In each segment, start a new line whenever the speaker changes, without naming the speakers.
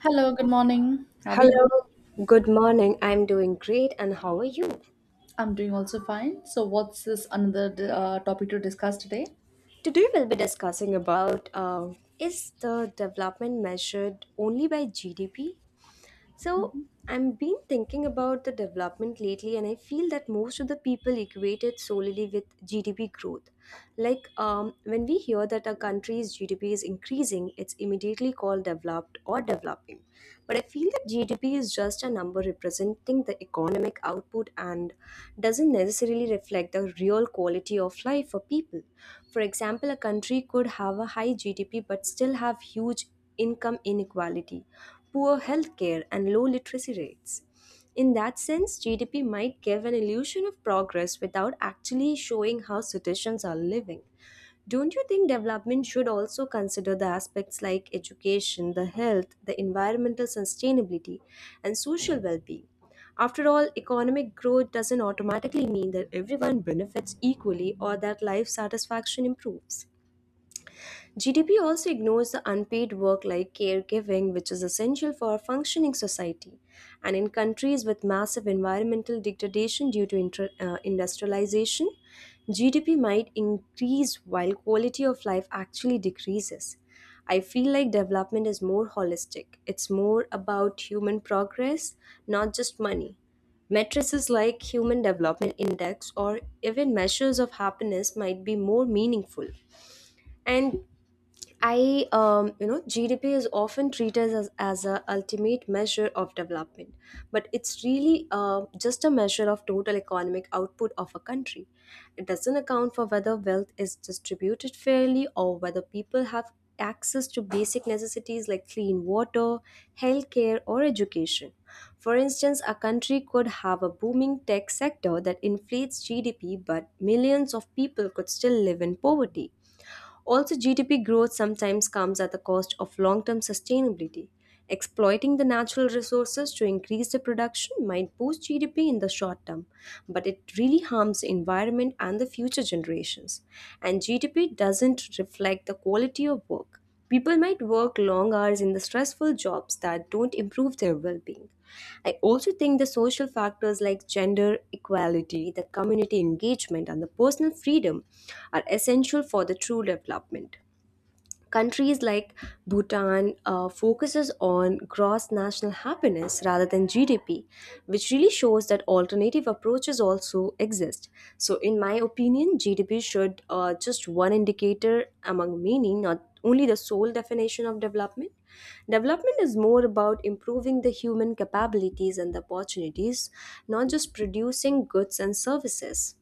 Hello, good morning. How are you?
Hello, good morning. I'm doing great, and how are you?
I'm doing also fine. So, what's this another topic to discuss today?
Today we'll be discussing about is the development measured only by GDP? So I've been thinking about the development lately, and I feel that most of the people equate it solely with GDP growth. When we hear that a country's GDP is increasing, it's immediately called developed or developing. But I feel that GDP is just a number representing the economic output and doesn't necessarily reflect the real quality of life for people. For example, a country could have a high GDP but still have huge income inequality, poor healthcare, and low literacy rates. In that sense, GDP might give an illusion of progress without actually showing how citizens are living. Don't you think development should also consider the aspects like education, the health, the environmental sustainability, and social well being? After all, economic growth doesn't automatically mean that everyone benefits equally or that life satisfaction improves. GDP also ignores the unpaid work like caregiving, which is essential for a functioning society. And in countries with massive environmental degradation due to industrialization, GDP might increase while quality of life actually decreases. I feel like development is more holistic, it's more about human progress, not just money. Matrices like Human Development Index or even measures of happiness might be more meaningful. And GDP is often treated as a ultimate measure of development, but it's really just a measure of total economic output of a country. It doesn't account for whether wealth is distributed fairly or whether people have access to basic necessities like clean water, healthcare, or education. For instance, a country could have a booming tech sector that inflates GDP, but millions of people could still live in poverty. Also, GDP growth sometimes comes at the cost of long term sustainability. Exploiting the natural resources to increase the production might boost GDP in the short term, but it really harms the environment and the future generations. And GDP doesn't reflect the quality of work. People might work long hours in the stressful jobs that don't improve their well being. I also think the social factors like gender equality, the community engagement, and the personal freedom are essential for the true development. Countries like Bhutan focuses on gross national happiness rather than GDP, which really shows that alternative approaches also exist. So, in my opinion, GDP should just one indicator among many, not only the sole definition of development. Development is more about improving the human capabilities and the opportunities, not just producing goods and services.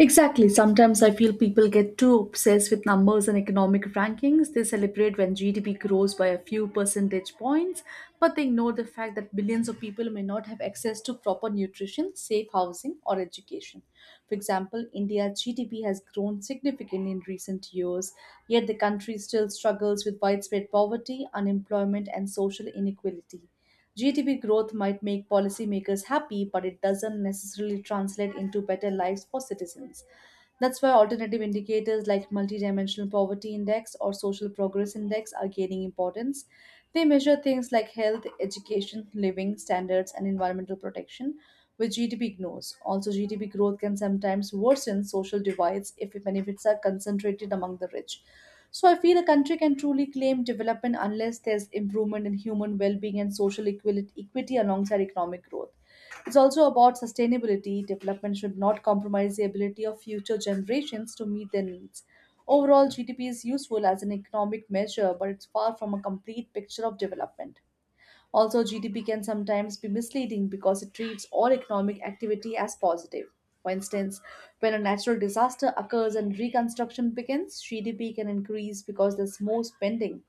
Exactly. Sometimes I feel people get too obsessed with numbers and economic rankings. They celebrate when GDP grows by a few percentage points, but they ignore the fact that billions of people may not have access to proper nutrition, safe housing, or education. For example, India's GDP has grown significantly in recent years, yet the country still struggles with widespread poverty, unemployment, and social inequality. GDP growth might make policymakers happy, but it doesn't necessarily translate into better lives for citizens. That's why alternative indicators like multidimensional poverty index or social progress index are gaining importance. They measure things like health, education, living standards, and environmental protection, with GDP ignores. Also, GDP growth can sometimes worsen social divides if benefits are concentrated among the rich. So, I feel a country can truly claim development unless there's improvement in human well being and social equality, equity alongside economic growth. It's also about sustainability. Development should not compromise the ability of future generations to meet their needs. Overall, GDP is useful as an economic measure, but it's far from a complete picture of development. Also, GDP can sometimes be misleading because it treats all economic activity as positive. For instance, when a natural disaster occurs and reconstruction begins, GDP can increase because there's more spending,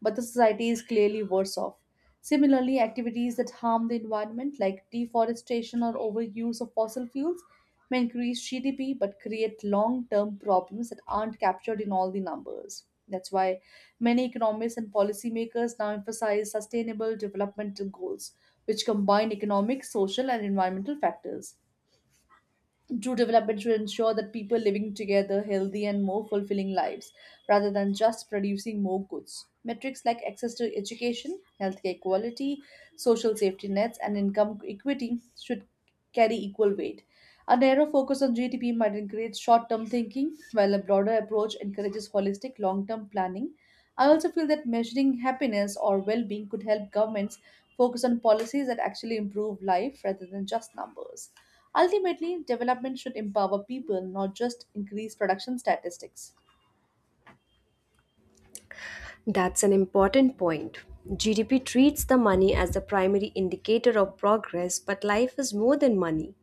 but the society is clearly worse off. Similarly, activities that harm the environment, like deforestation or overuse of fossil fuels, may increase GDP but create long term problems that aren't captured in all the numbers. That's why many economists and policymakers now emphasize sustainable development goals, which combine economic, social, and environmental factors. True development should ensure that people living together healthy and more fulfilling lives rather than just producing more goods. Metrics like access to education, healthcare quality, social safety nets, and income equity should carry equal weight. A narrow focus on GDP might encourage short term thinking, while a broader approach encourages holistic long term planning. I also feel that measuring happiness or well being could help governments focus on policies that actually improve life rather than just numbers. Ultimately, development should empower people, not just increase production statistics.
That's an important point. GDP treats the money as the primary indicator of progress, but life is more than money.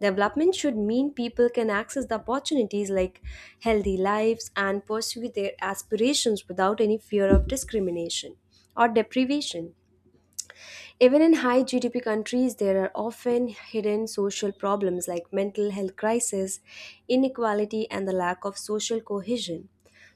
Development should mean people can access the opportunities like healthy lives and pursue their aspirations without any fear of discrimination or deprivation. Even in high GDP countries, there are often hidden social problems like mental health crisis, inequality, and the lack of social cohesion.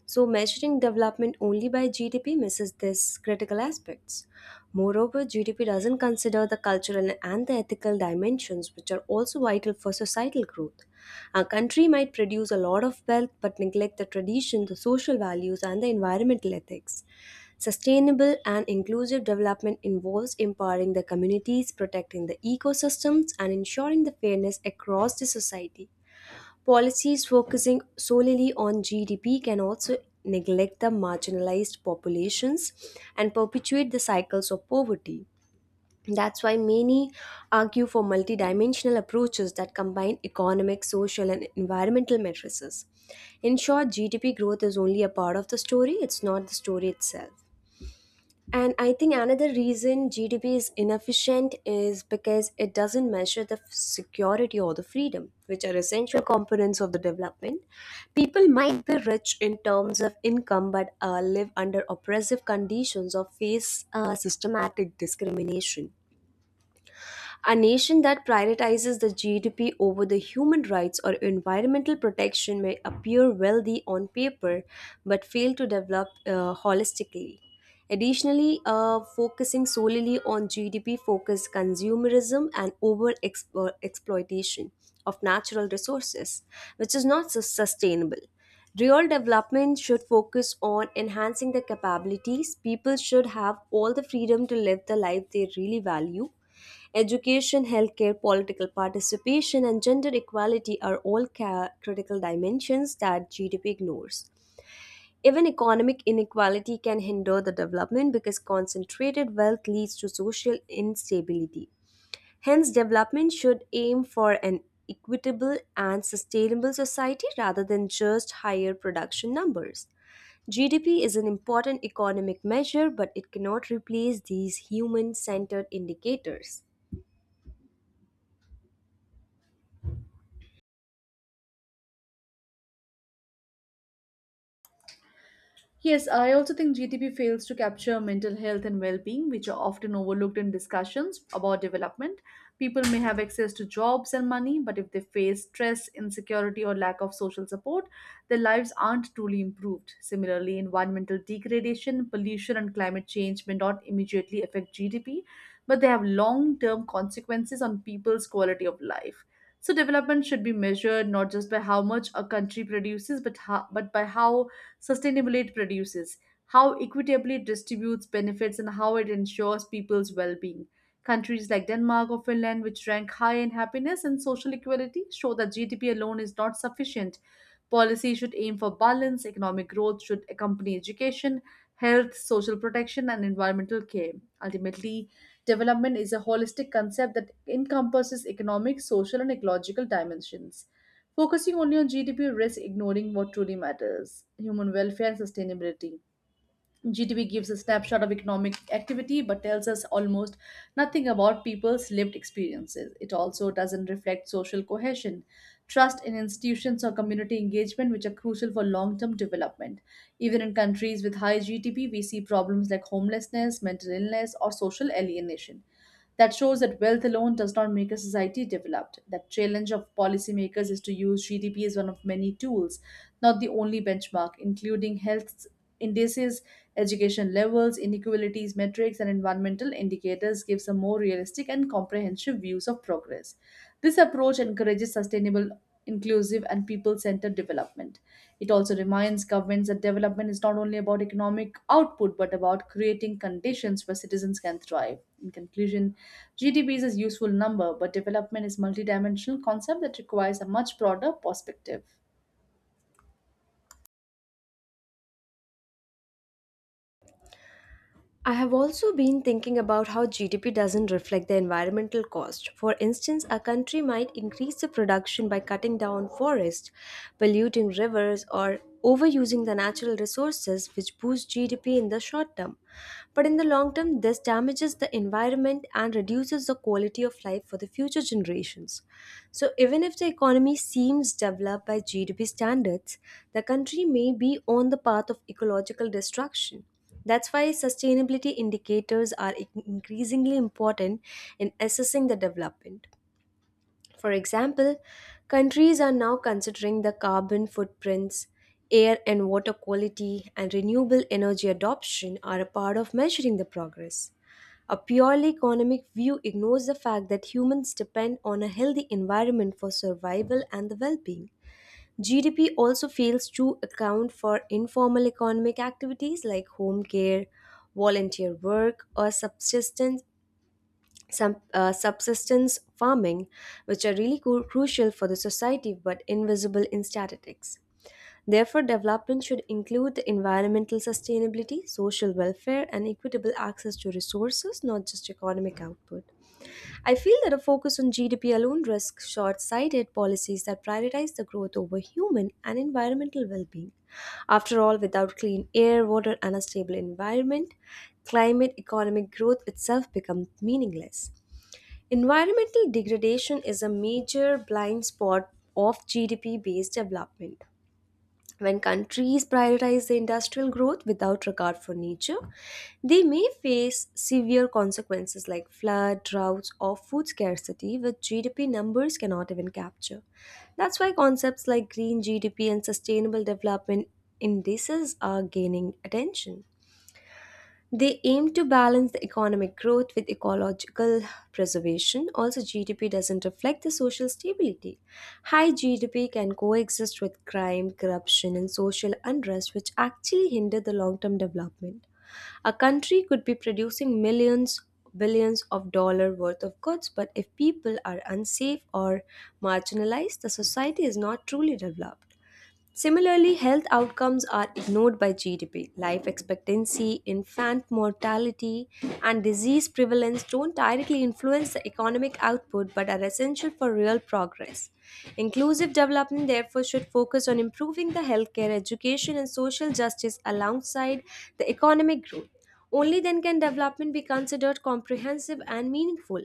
So, measuring development only by GDP misses these critical aspects. Moreover, GDP doesn't consider the cultural and the ethical dimensions, which are also vital for societal growth. A country might produce a lot of wealth but neglect the tradition, the social values, and the environmental ethics. Sustainable and inclusive development involves empowering the communities, protecting the ecosystems, and ensuring the fairness across the society. Policies focusing solely on GDP can also neglect the marginalized populations and perpetuate the cycles of poverty. That's why many argue for multidimensional approaches that combine economic, social, and environmental matrices. In short, GDP growth is only a part of the story, it's not the story itself. And I think another reason GDP is inefficient is because it doesn't measure the security or the freedom, which are essential components of the development. People might be rich in terms of income but live under oppressive conditions or face systematic discrimination. A nation that prioritizes the GDP over the human rights or environmental protection may appear wealthy on paper but fail to develop holistically. Additionally, focusing solely on GDP focused consumerism and over exploitation of natural resources, which is not sustainable. Real development should focus on enhancing the capabilities. People should have all the freedom to live the life they really value. Education, healthcare, political participation, and gender equality are all critical dimensions that GDP ignores. Even economic inequality can hinder the development because concentrated wealth leads to social instability. Hence, development should aim for an equitable and sustainable society rather than just higher production numbers. GDP is an important economic measure, but it cannot replace these human centered indicators.
Yes, I also think GDP fails to capture mental health and well being, which are often overlooked in discussions about development. People may have access to jobs and money, but if they face stress, insecurity, or lack of social support, their lives aren't truly improved. Similarly, environmental degradation, pollution, and climate change may not immediately affect GDP, but they have long term consequences on people's quality of life. So, development should be measured not just by how much a country produces, but, but by how sustainably it produces, how equitably it distributes benefits, and how it ensures people's well being. Countries like Denmark or Finland, which rank high in happiness and social equality, show that GDP alone is not sufficient. Policy should aim for balance, economic growth should accompany education, health, social protection, and environmental care. Ultimately, development is a holistic concept that encompasses economic, social, and ecological dimensions. Focusing only on GDP risks ignoring what truly matters human welfare and sustainability. GDP gives a snapshot of economic activity but tells us almost nothing about people's lived experiences. It also doesn't reflect social cohesion, trust in institutions, or community engagement, which are crucial for long term development. Even in countries with high GDP, we see problems like homelessness, mental illness, or social alienation. That shows that wealth alone does not make a society developed. That challenge of policymakers is to use GDP as one of many tools, not the only benchmark, including health indices, education levels, inequalities, metrics, and environmental indicators gives a more realistic and comprehensive views of progress. This approach encourages sustainable, inclusive, and people-centered development. It also reminds governments that development is not only about economic output but about creating conditions where citizens can thrive. In conclusion, GDP is a useful number, but development is a multidimensional concept that requires a much broader perspective.
I have also been thinking about how GDP doesn't reflect the environmental cost. For instance, a country might increase the production by cutting down forests, polluting rivers, or overusing the natural resources, which boosts GDP in the short term. But in the long term, this damages the environment and reduces the quality of life for the future generations. So, even if the economy seems developed by GDP standards, the country may be on the path of ecological destruction. That's why sustainability indicators are increasingly important in assessing the development. For example, countries are now considering the carbon footprints, air and water quality, and renewable energy adoption are a part of measuring the progress. A purely economic view ignores the fact that humans depend on a healthy environment for survival and the well being. GDP also fails to account for informal economic activities like home care, volunteer work, or subsistence, subsistence farming, which are really crucial for the society but invisible in statistics. Therefore, development should include the environmental sustainability, social welfare, and equitable access to resources, not just economic output. I feel that a focus on GDP alone risks short sighted policies that prioritize the growth over human and environmental well being. After all, without clean air, water, and a stable environment, climate economic growth itself becomes meaningless. Environmental degradation is a major blind spot of GDP based development. When countries prioritize the industrial growth without regard for nature, they may face severe consequences like flood, droughts, or food scarcity, which GDP numbers cannot even capture. That's why concepts like green GDP and sustainable development indices are gaining attention. They aim to balance the economic growth with ecological preservation. Also, GDP doesn't reflect the social stability. High GDP can coexist with crime, corruption, and social unrest, which actually hinder the long term development. A country could be producing millions, billions of dollar worth of goods, but if people are unsafe or marginalized, the society is not truly developed. Similarly, health outcomes are ignored by GDP. Life expectancy, infant mortality, and disease prevalence don't directly influence the economic output but are essential for real progress. Inclusive development, therefore, should focus on improving the healthcare, education, and social justice alongside the economic growth. Only then can development be considered comprehensive and meaningful.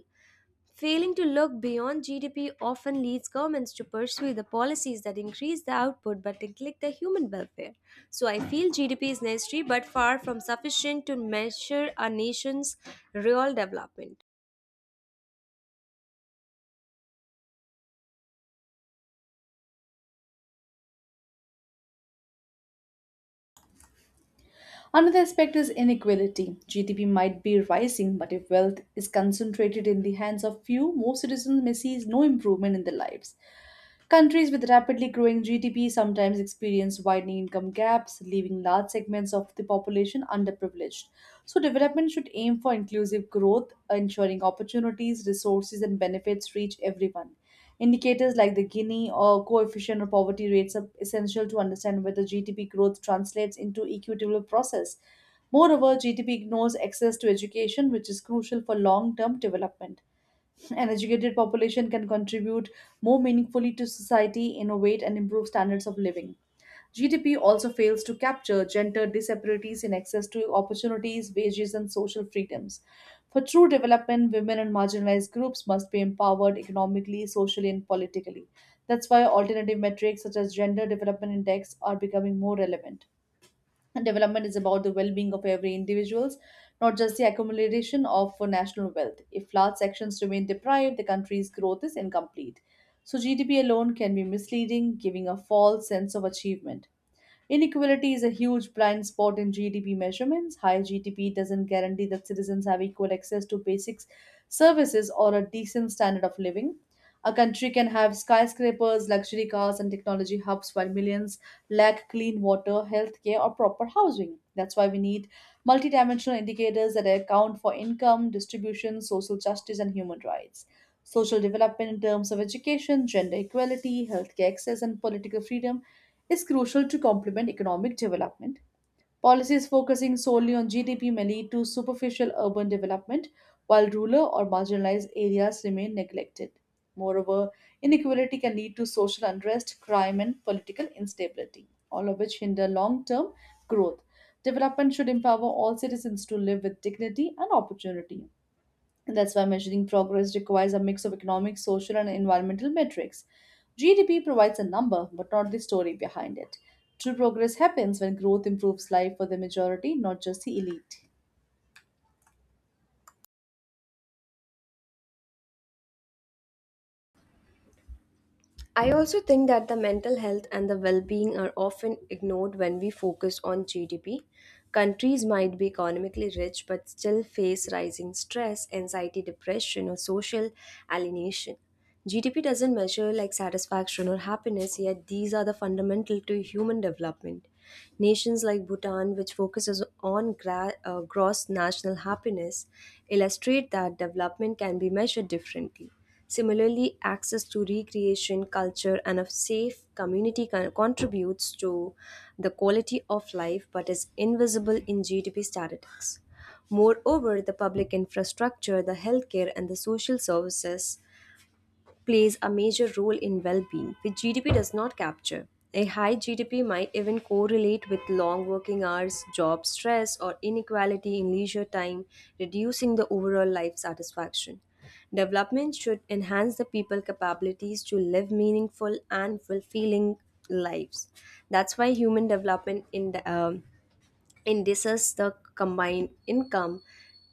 Failing to look beyond GDP often leads governments to pursue the policies that increase the output but neglect the human welfare. So I feel GDP is necessary but far from sufficient to measure a nation's real development.
Another aspect is inequality. GDP might be rising, but if wealth is concentrated in the hands of few, most citizens may see no improvement in their lives. Countries with rapidly growing GDP sometimes experience widening income gaps, leaving large segments of the population underprivileged. So, development should aim for inclusive growth, ensuring opportunities, resources, and benefits reach everyone. Indicators like the Gini or coefficient or poverty rates are essential to understand whether GDP growth translates into equitable process. Moreover, GDP ignores access to education, which is crucial for long term development. An educated population can contribute more meaningfully to society, innovate, and improve standards of living. GDP also fails to capture gender disparities in access to opportunities, wages, and social freedoms. For true development, women and marginalized groups must be empowered economically, socially, and politically. That's why alternative metrics such as Gender Development Index are becoming more relevant. And development is about the well-being of every individuals, not just the accumulation of national wealth. If large sections remain deprived, the country's growth is incomplete. So GDP alone can be misleading, giving a false sense of achievement. Inequality is a huge blind spot in GDP measurements. High GDP doesn't guarantee that citizens have equal access to basic services or a decent standard of living. A country can have skyscrapers, luxury cars, and technology hubs while millions lack clean water, healthcare, or proper housing. That's why we need multidimensional indicators that account for income, distribution, social justice, and human rights. Social development in terms of education, gender equality, healthcare access, and political freedom is crucial to complement economic development. Policies focusing solely on GDP may lead to superficial urban development, while rural or marginalized areas remain neglected. Moreover, inequality can lead to social unrest, crime, and political instability, all of which hinder long term growth. Development should empower all citizens to live with dignity and opportunity. And that's why measuring progress requires a mix of economic, social, and environmental metrics. GDP provides a number, but not the story behind it. True progress happens when growth improves life for the majority, not just the elite.
I also think that the mental health and the well being are often ignored when we focus on GDP. Countries might be economically rich but still face rising stress, anxiety, depression, or social alienation. GDP doesn't measure like satisfaction or happiness, yet, these are the fundamental to human development. Nations like Bhutan, which focuses on gross national happiness, illustrate that development can be measured differently. Similarly, access to recreation, culture, and a safe community contributes to the quality of life but is invisible in GDP statistics. Moreover, the public infrastructure, the healthcare, and the social services plays a major role in well being, which GDP does not capture. A high GDP might even correlate with long working hours, job stress, or inequality in leisure time, reducing the overall life satisfaction. Development should enhance the people's capabilities to live meaningful and fulfilling lives. That's why human development in indices the combined income,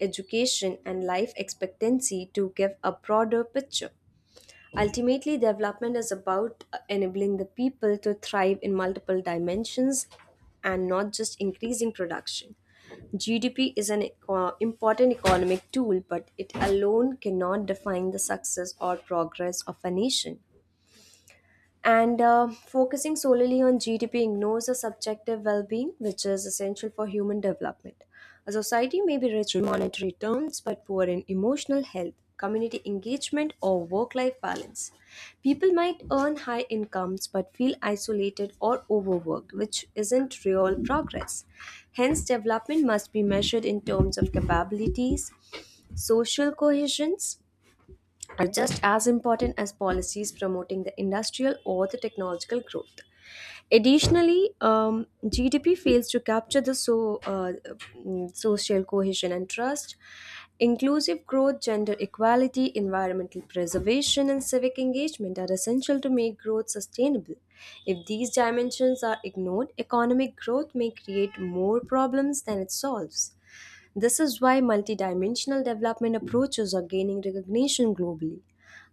education, and life expectancy to give a broader picture. Ultimately, development is about enabling the people to thrive in multiple dimensions and not just increasing production. GDP is an important economic tool, but it alone cannot define the success or progress of a nation. And focusing solely on GDP ignores the subjective well being, which is essential for human development. A society may be rich in monetary terms but poor in emotional health, community engagement, or work life balance. People might earn high incomes but feel isolated or overworked, which isn't real progress. Hence, development must be measured in terms of capabilities, social cohesions, are just as important as policies promoting the industrial or the technological growth. Additionally, GDP fails to capture social cohesion and trust, inclusive growth, gender equality, environmental preservation, and civic engagement are essential to make growth sustainable. If these dimensions are ignored, economic growth may create more problems than it solves. This is why multidimensional development approaches are gaining recognition globally.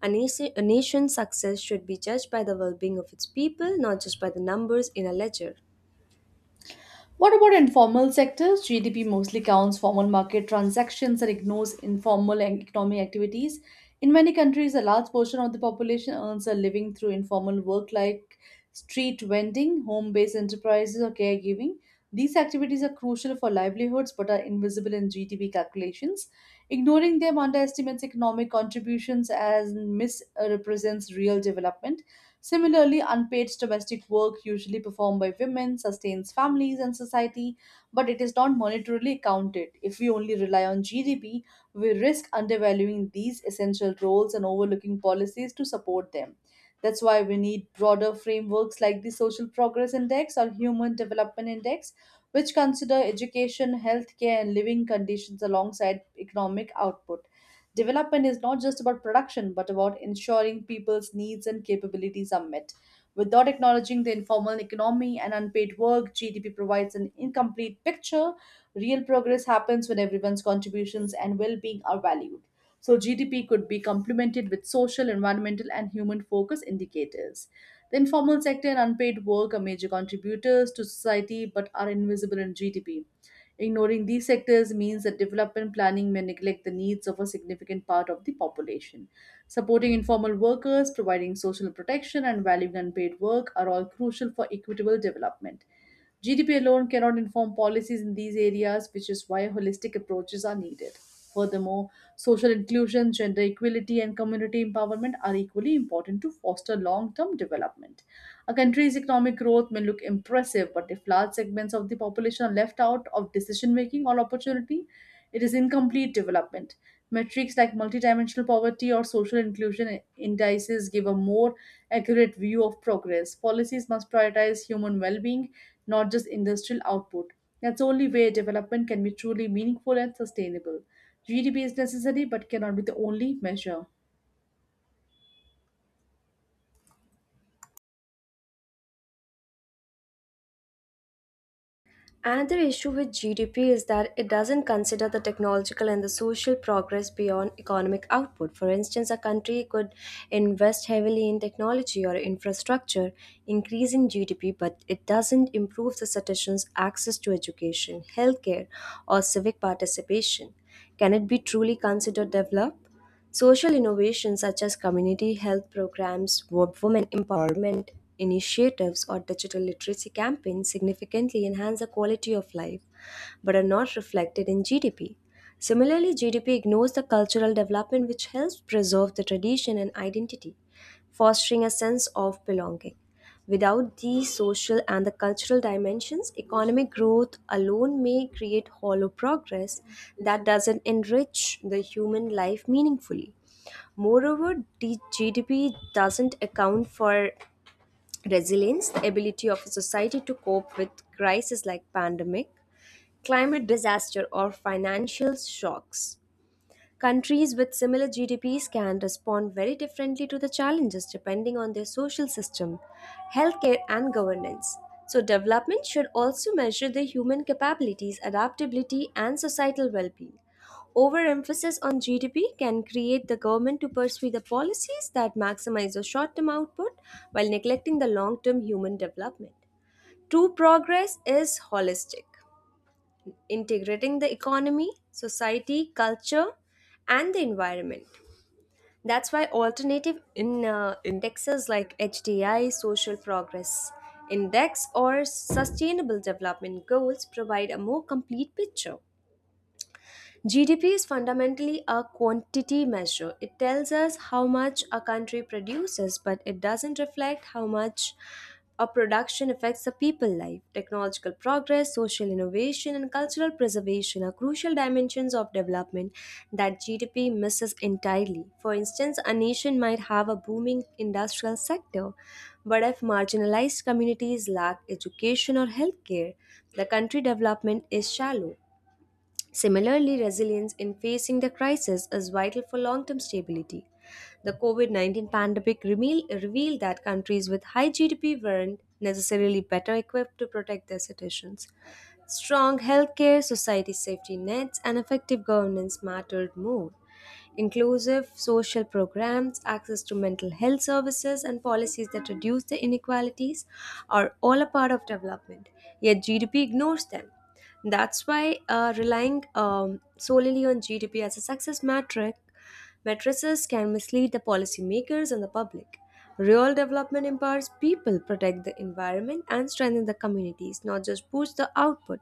A nation's success should be judged by the well being of its people, not just by the numbers in a ledger.
What about informal sectors? GDP mostly counts formal market transactions and ignores informal and economic activities. In many countries, a large portion of the population earns a living through informal work like street vending, home based enterprises, or caregiving. These activities are crucial for livelihoods but are invisible in GDP calculations. Ignoring them underestimates economic contributions as misrepresents real development. Similarly, unpaid domestic work, usually performed by women, sustains families and society, but it is not monetarily accounted. If we only rely on GDP, we risk undervaluing these essential roles and overlooking policies to support them. That's why we need broader frameworks like the Social Progress Index or Human Development Index, which consider education, healthcare, and living conditions alongside economic output. Development is not just about production, but about ensuring people's needs and capabilities are met. Without acknowledging the informal economy and unpaid work, GDP provides an incomplete picture. Real progress happens when everyone's contributions and well being are valued. So, GDP could be complemented with social, environmental, and human focus indicators. The informal sector and unpaid work are major contributors to society but are invisible in GDP. Ignoring these sectors means that development planning may neglect the needs of a significant part of the population. Supporting informal workers, providing social protection, and valuing unpaid work are all crucial for equitable development. GDP alone cannot inform policies in these areas, which is why holistic approaches are needed. Furthermore, social inclusion, gender equality, and community empowerment are equally important to foster long term development. A country's economic growth may look impressive, but if large segments of the population are left out of decision making or opportunity, it is incomplete development. Metrics like multidimensional poverty or social inclusion indices give a more accurate view of progress. Policies must prioritize human well being, not just industrial output. That's the only way development can be truly meaningful and sustainable. GDP is necessary but cannot be the only measure.
Another issue with GDP is that it doesn't consider the technological and the social progress beyond economic output. For instance, a country could invest heavily in technology or infrastructure, increasing GDP, but it doesn't improve the citizens' access to education, healthcare, or civic participation. Can it be truly considered developed? Social innovations such as community health programs, women empowerment initiatives, or digital literacy campaigns significantly enhance the quality of life but are not reflected in GDP. Similarly, GDP ignores the cultural development which helps preserve the tradition and identity, fostering a sense of belonging. Without the social and the cultural dimensions, economic growth alone may create hollow progress that doesn't enrich the human life meaningfully. Moreover, the GDP doesn't account for resilience, the ability of a society to cope with crises like pandemic, climate disaster, or financial shocks. Countries with similar GDPs can respond very differently to the challenges depending on their social system, healthcare, and governance. So, development should also measure the human capabilities, adaptability, and societal well being. Overemphasis on GDP can create the government to pursue the policies that maximize the short term output while neglecting the long term human development. True progress is holistic, integrating the economy, society, culture, and the environment. That's why alternative in indexes like HDI, Social Progress Index, or Sustainable Development Goals provide a more complete picture. GDP is fundamentally a quantity measure. It tells us how much a country produces, but it doesn't reflect how much a production affects a people life. Technological progress, social innovation, and cultural preservation are crucial dimensions of development that GDP misses entirely. For instance, a nation might have a booming industrial sector, but if marginalized communities lack education or healthcare, the country development is shallow. Similarly, resilience in facing the crisis is vital for long term stability. The COVID COVID-19 pandemic revealed that countries with high GDP weren't necessarily better equipped to protect their citizens. Strong healthcare, society safety nets, and effective governance mattered more. Inclusive social programs, access to mental health services, and policies that reduce the inequalities are all a part of development, yet GDP ignores them. That's why relying solely on GDP as a success metric Mattresses can mislead the policymakers and the public. Real development empowers people, protect the environment, and strengthen the communities, not just boost the output.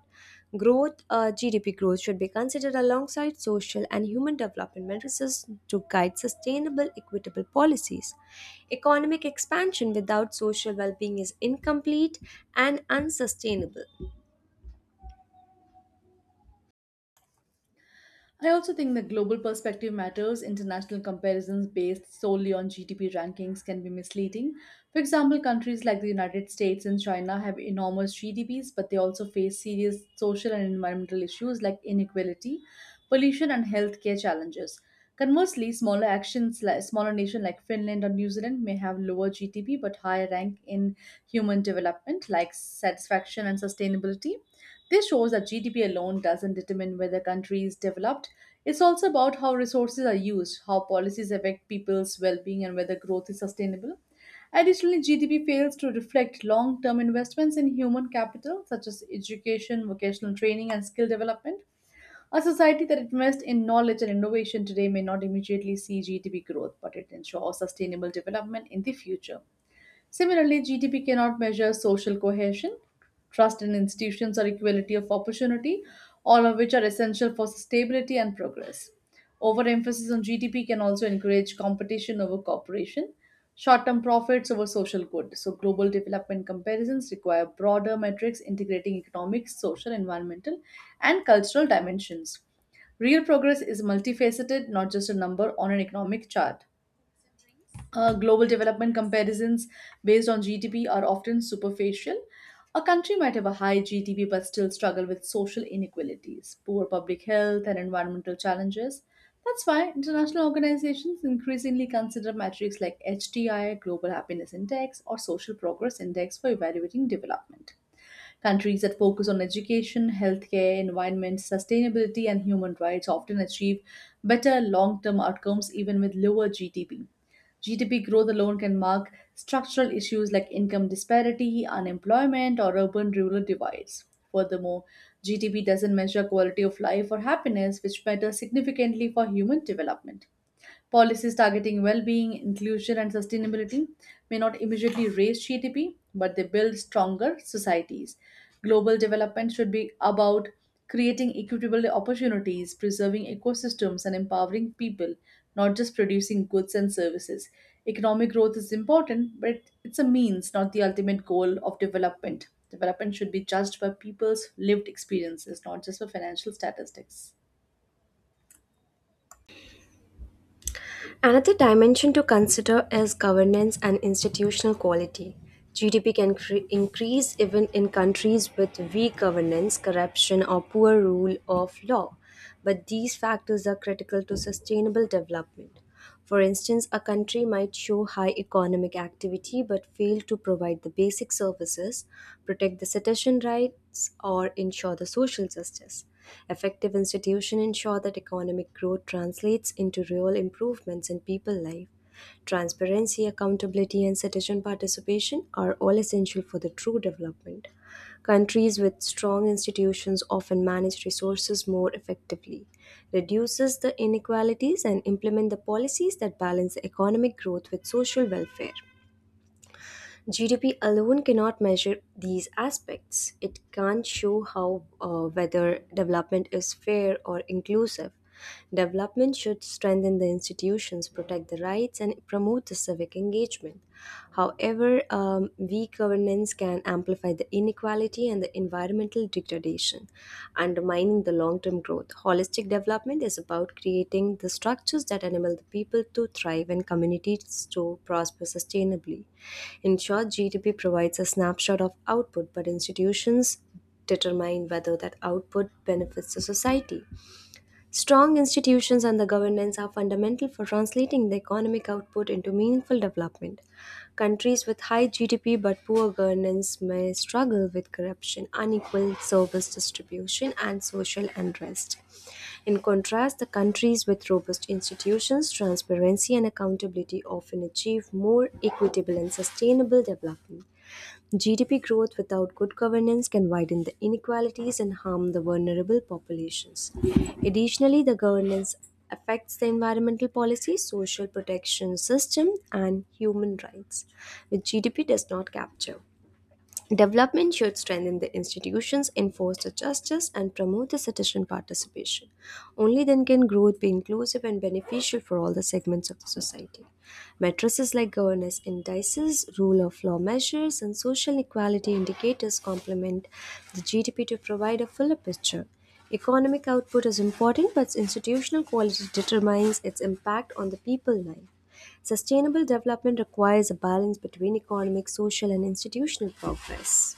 GDP growth, should be considered alongside social and human development matrices to guide sustainable, equitable policies. Economic expansion without social well being is incomplete and unsustainable.
I also think the global perspective matters. International comparisons based solely on GDP rankings can be misleading. For example, countries like the United States and China have enormous GDPs, but they also face serious social and environmental issues like inequality, pollution, and healthcare challenges. Conversely, like smaller nation like Finland or New Zealand may have lower GDP but higher rank in human development, like satisfaction and sustainability. This shows that GDP alone doesn't determine whether countries develop, it's also about how resources are used, how policies affect people's well being, and whether growth is sustainable. Additionally, GDP fails to reflect long term investments in human capital, such as education, vocational training, and skill development. A society that invests in knowledge and innovation today may not immediately see GDP growth, but it ensures sustainable development in the future. Similarly, GDP cannot measure social cohesion, trust in institutions, or equality of opportunity, all of which are essential for stability and progress. Overemphasis on GDP can also encourage competition over cooperation, short term profits over social good. So, global development comparisons require broader metrics integrating economic, social, environmental, and cultural dimensions. Real progress is multifaceted, not just a number on an economic chart. Global development comparisons based on GDP are often superficial. A country might have a high GDP but still struggle with social inequalities, poor public health, and environmental challenges. That's why international organizations increasingly consider metrics like HDI, Global Happiness Index, or Social Progress Index for evaluating development. Countries that focus on education, healthcare, environment, sustainability, and human rights often achieve better long term outcomes even with lower GDP. GDP growth alone can mark structural issues like income disparity, unemployment, or urban rural divides. Furthermore, GDP doesn't measure quality of life or happiness, which matter significantly for human development. Policies targeting well being, inclusion, and sustainability may not immediately raise GDP, but they build stronger societies. Global development should be about creating equitable opportunities, preserving ecosystems, and empowering people, not just producing goods and services. Economic growth is important, but it's a means, not the ultimate goal of development. Development should be judged by people's lived experiences, not just by financial statistics.
Another dimension to consider is governance and institutional quality. GDP can increase even in countries with weak governance, corruption, or poor rule of law, but these factors are critical to sustainable development. For instance, a country might show high economic activity but fail to provide the basic services, protect the citizen rights, or ensure the social justice. Effective institutions ensure that economic growth translates into real improvements in people's life. Transparency, accountability, and citizen participation are all essential for the true development. Countries with strong institutions often manage resources more effectively, reduces the inequalities, and implement the policies that balance economic growth with social welfare. GDP alone cannot measure these aspects. It can't show how whether development is fair or inclusive. Development should strengthen the institutions, protect the rights, and promote the civic engagement. However, weak governance can amplify the inequality and the environmental degradation, undermining the long term growth. Holistic development is about creating the structures that enable the people to thrive and communities to prosper sustainably. In short, GDP provides a snapshot of output, but institutions determine whether that output benefits the society. Strong institutions and the governance are fundamental for translating the economic output into meaningful development. Countries with high GDP but poor governance may struggle with corruption, unequal service distribution, and social unrest. In contrast, the countries with robust institutions, transparency, and accountability often achieve more equitable and sustainable development. GDP growth without good governance can widen the inequalities and harm the vulnerable populations. Additionally, the governance affects the environmental policy, social protection system, and human rights, which GDP does not capture. Development should strengthen the institutions, enforce the justice, and promote the citizen participation. Only then can growth be inclusive and beneficial for all the segments of the society. Matrices like governance indices, rule of law measures, and social equality indicators complement the GDP to provide a fuller picture. Economic output is important, but institutional quality determines its impact on the people life. Sustainable development requires a balance between economic, social, and institutional progress.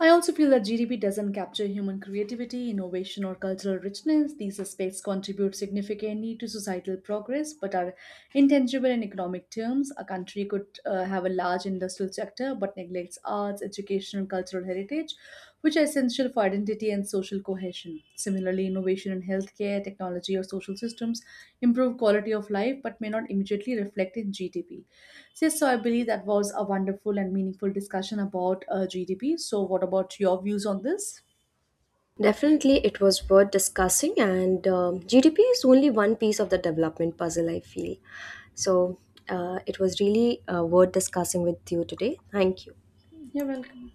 I also feel that GDP doesn't capture human creativity, innovation, or cultural richness. These aspects contribute significantly to societal progress but are intangible in economic terms. A country could have a large industrial sector but neglects arts, education, and cultural heritage, which are essential for identity and social cohesion. Similarly, innovation in healthcare, technology, or social systems improve quality of life but may not immediately reflect in GDP. So, yes, so I believe that was a wonderful and meaningful discussion about GDP. So, what about your views on this?
Definitely, it was worth discussing, and GDP is only one piece of the development puzzle, I feel. So, it was really worth discussing with you today. Thank you.
You're welcome.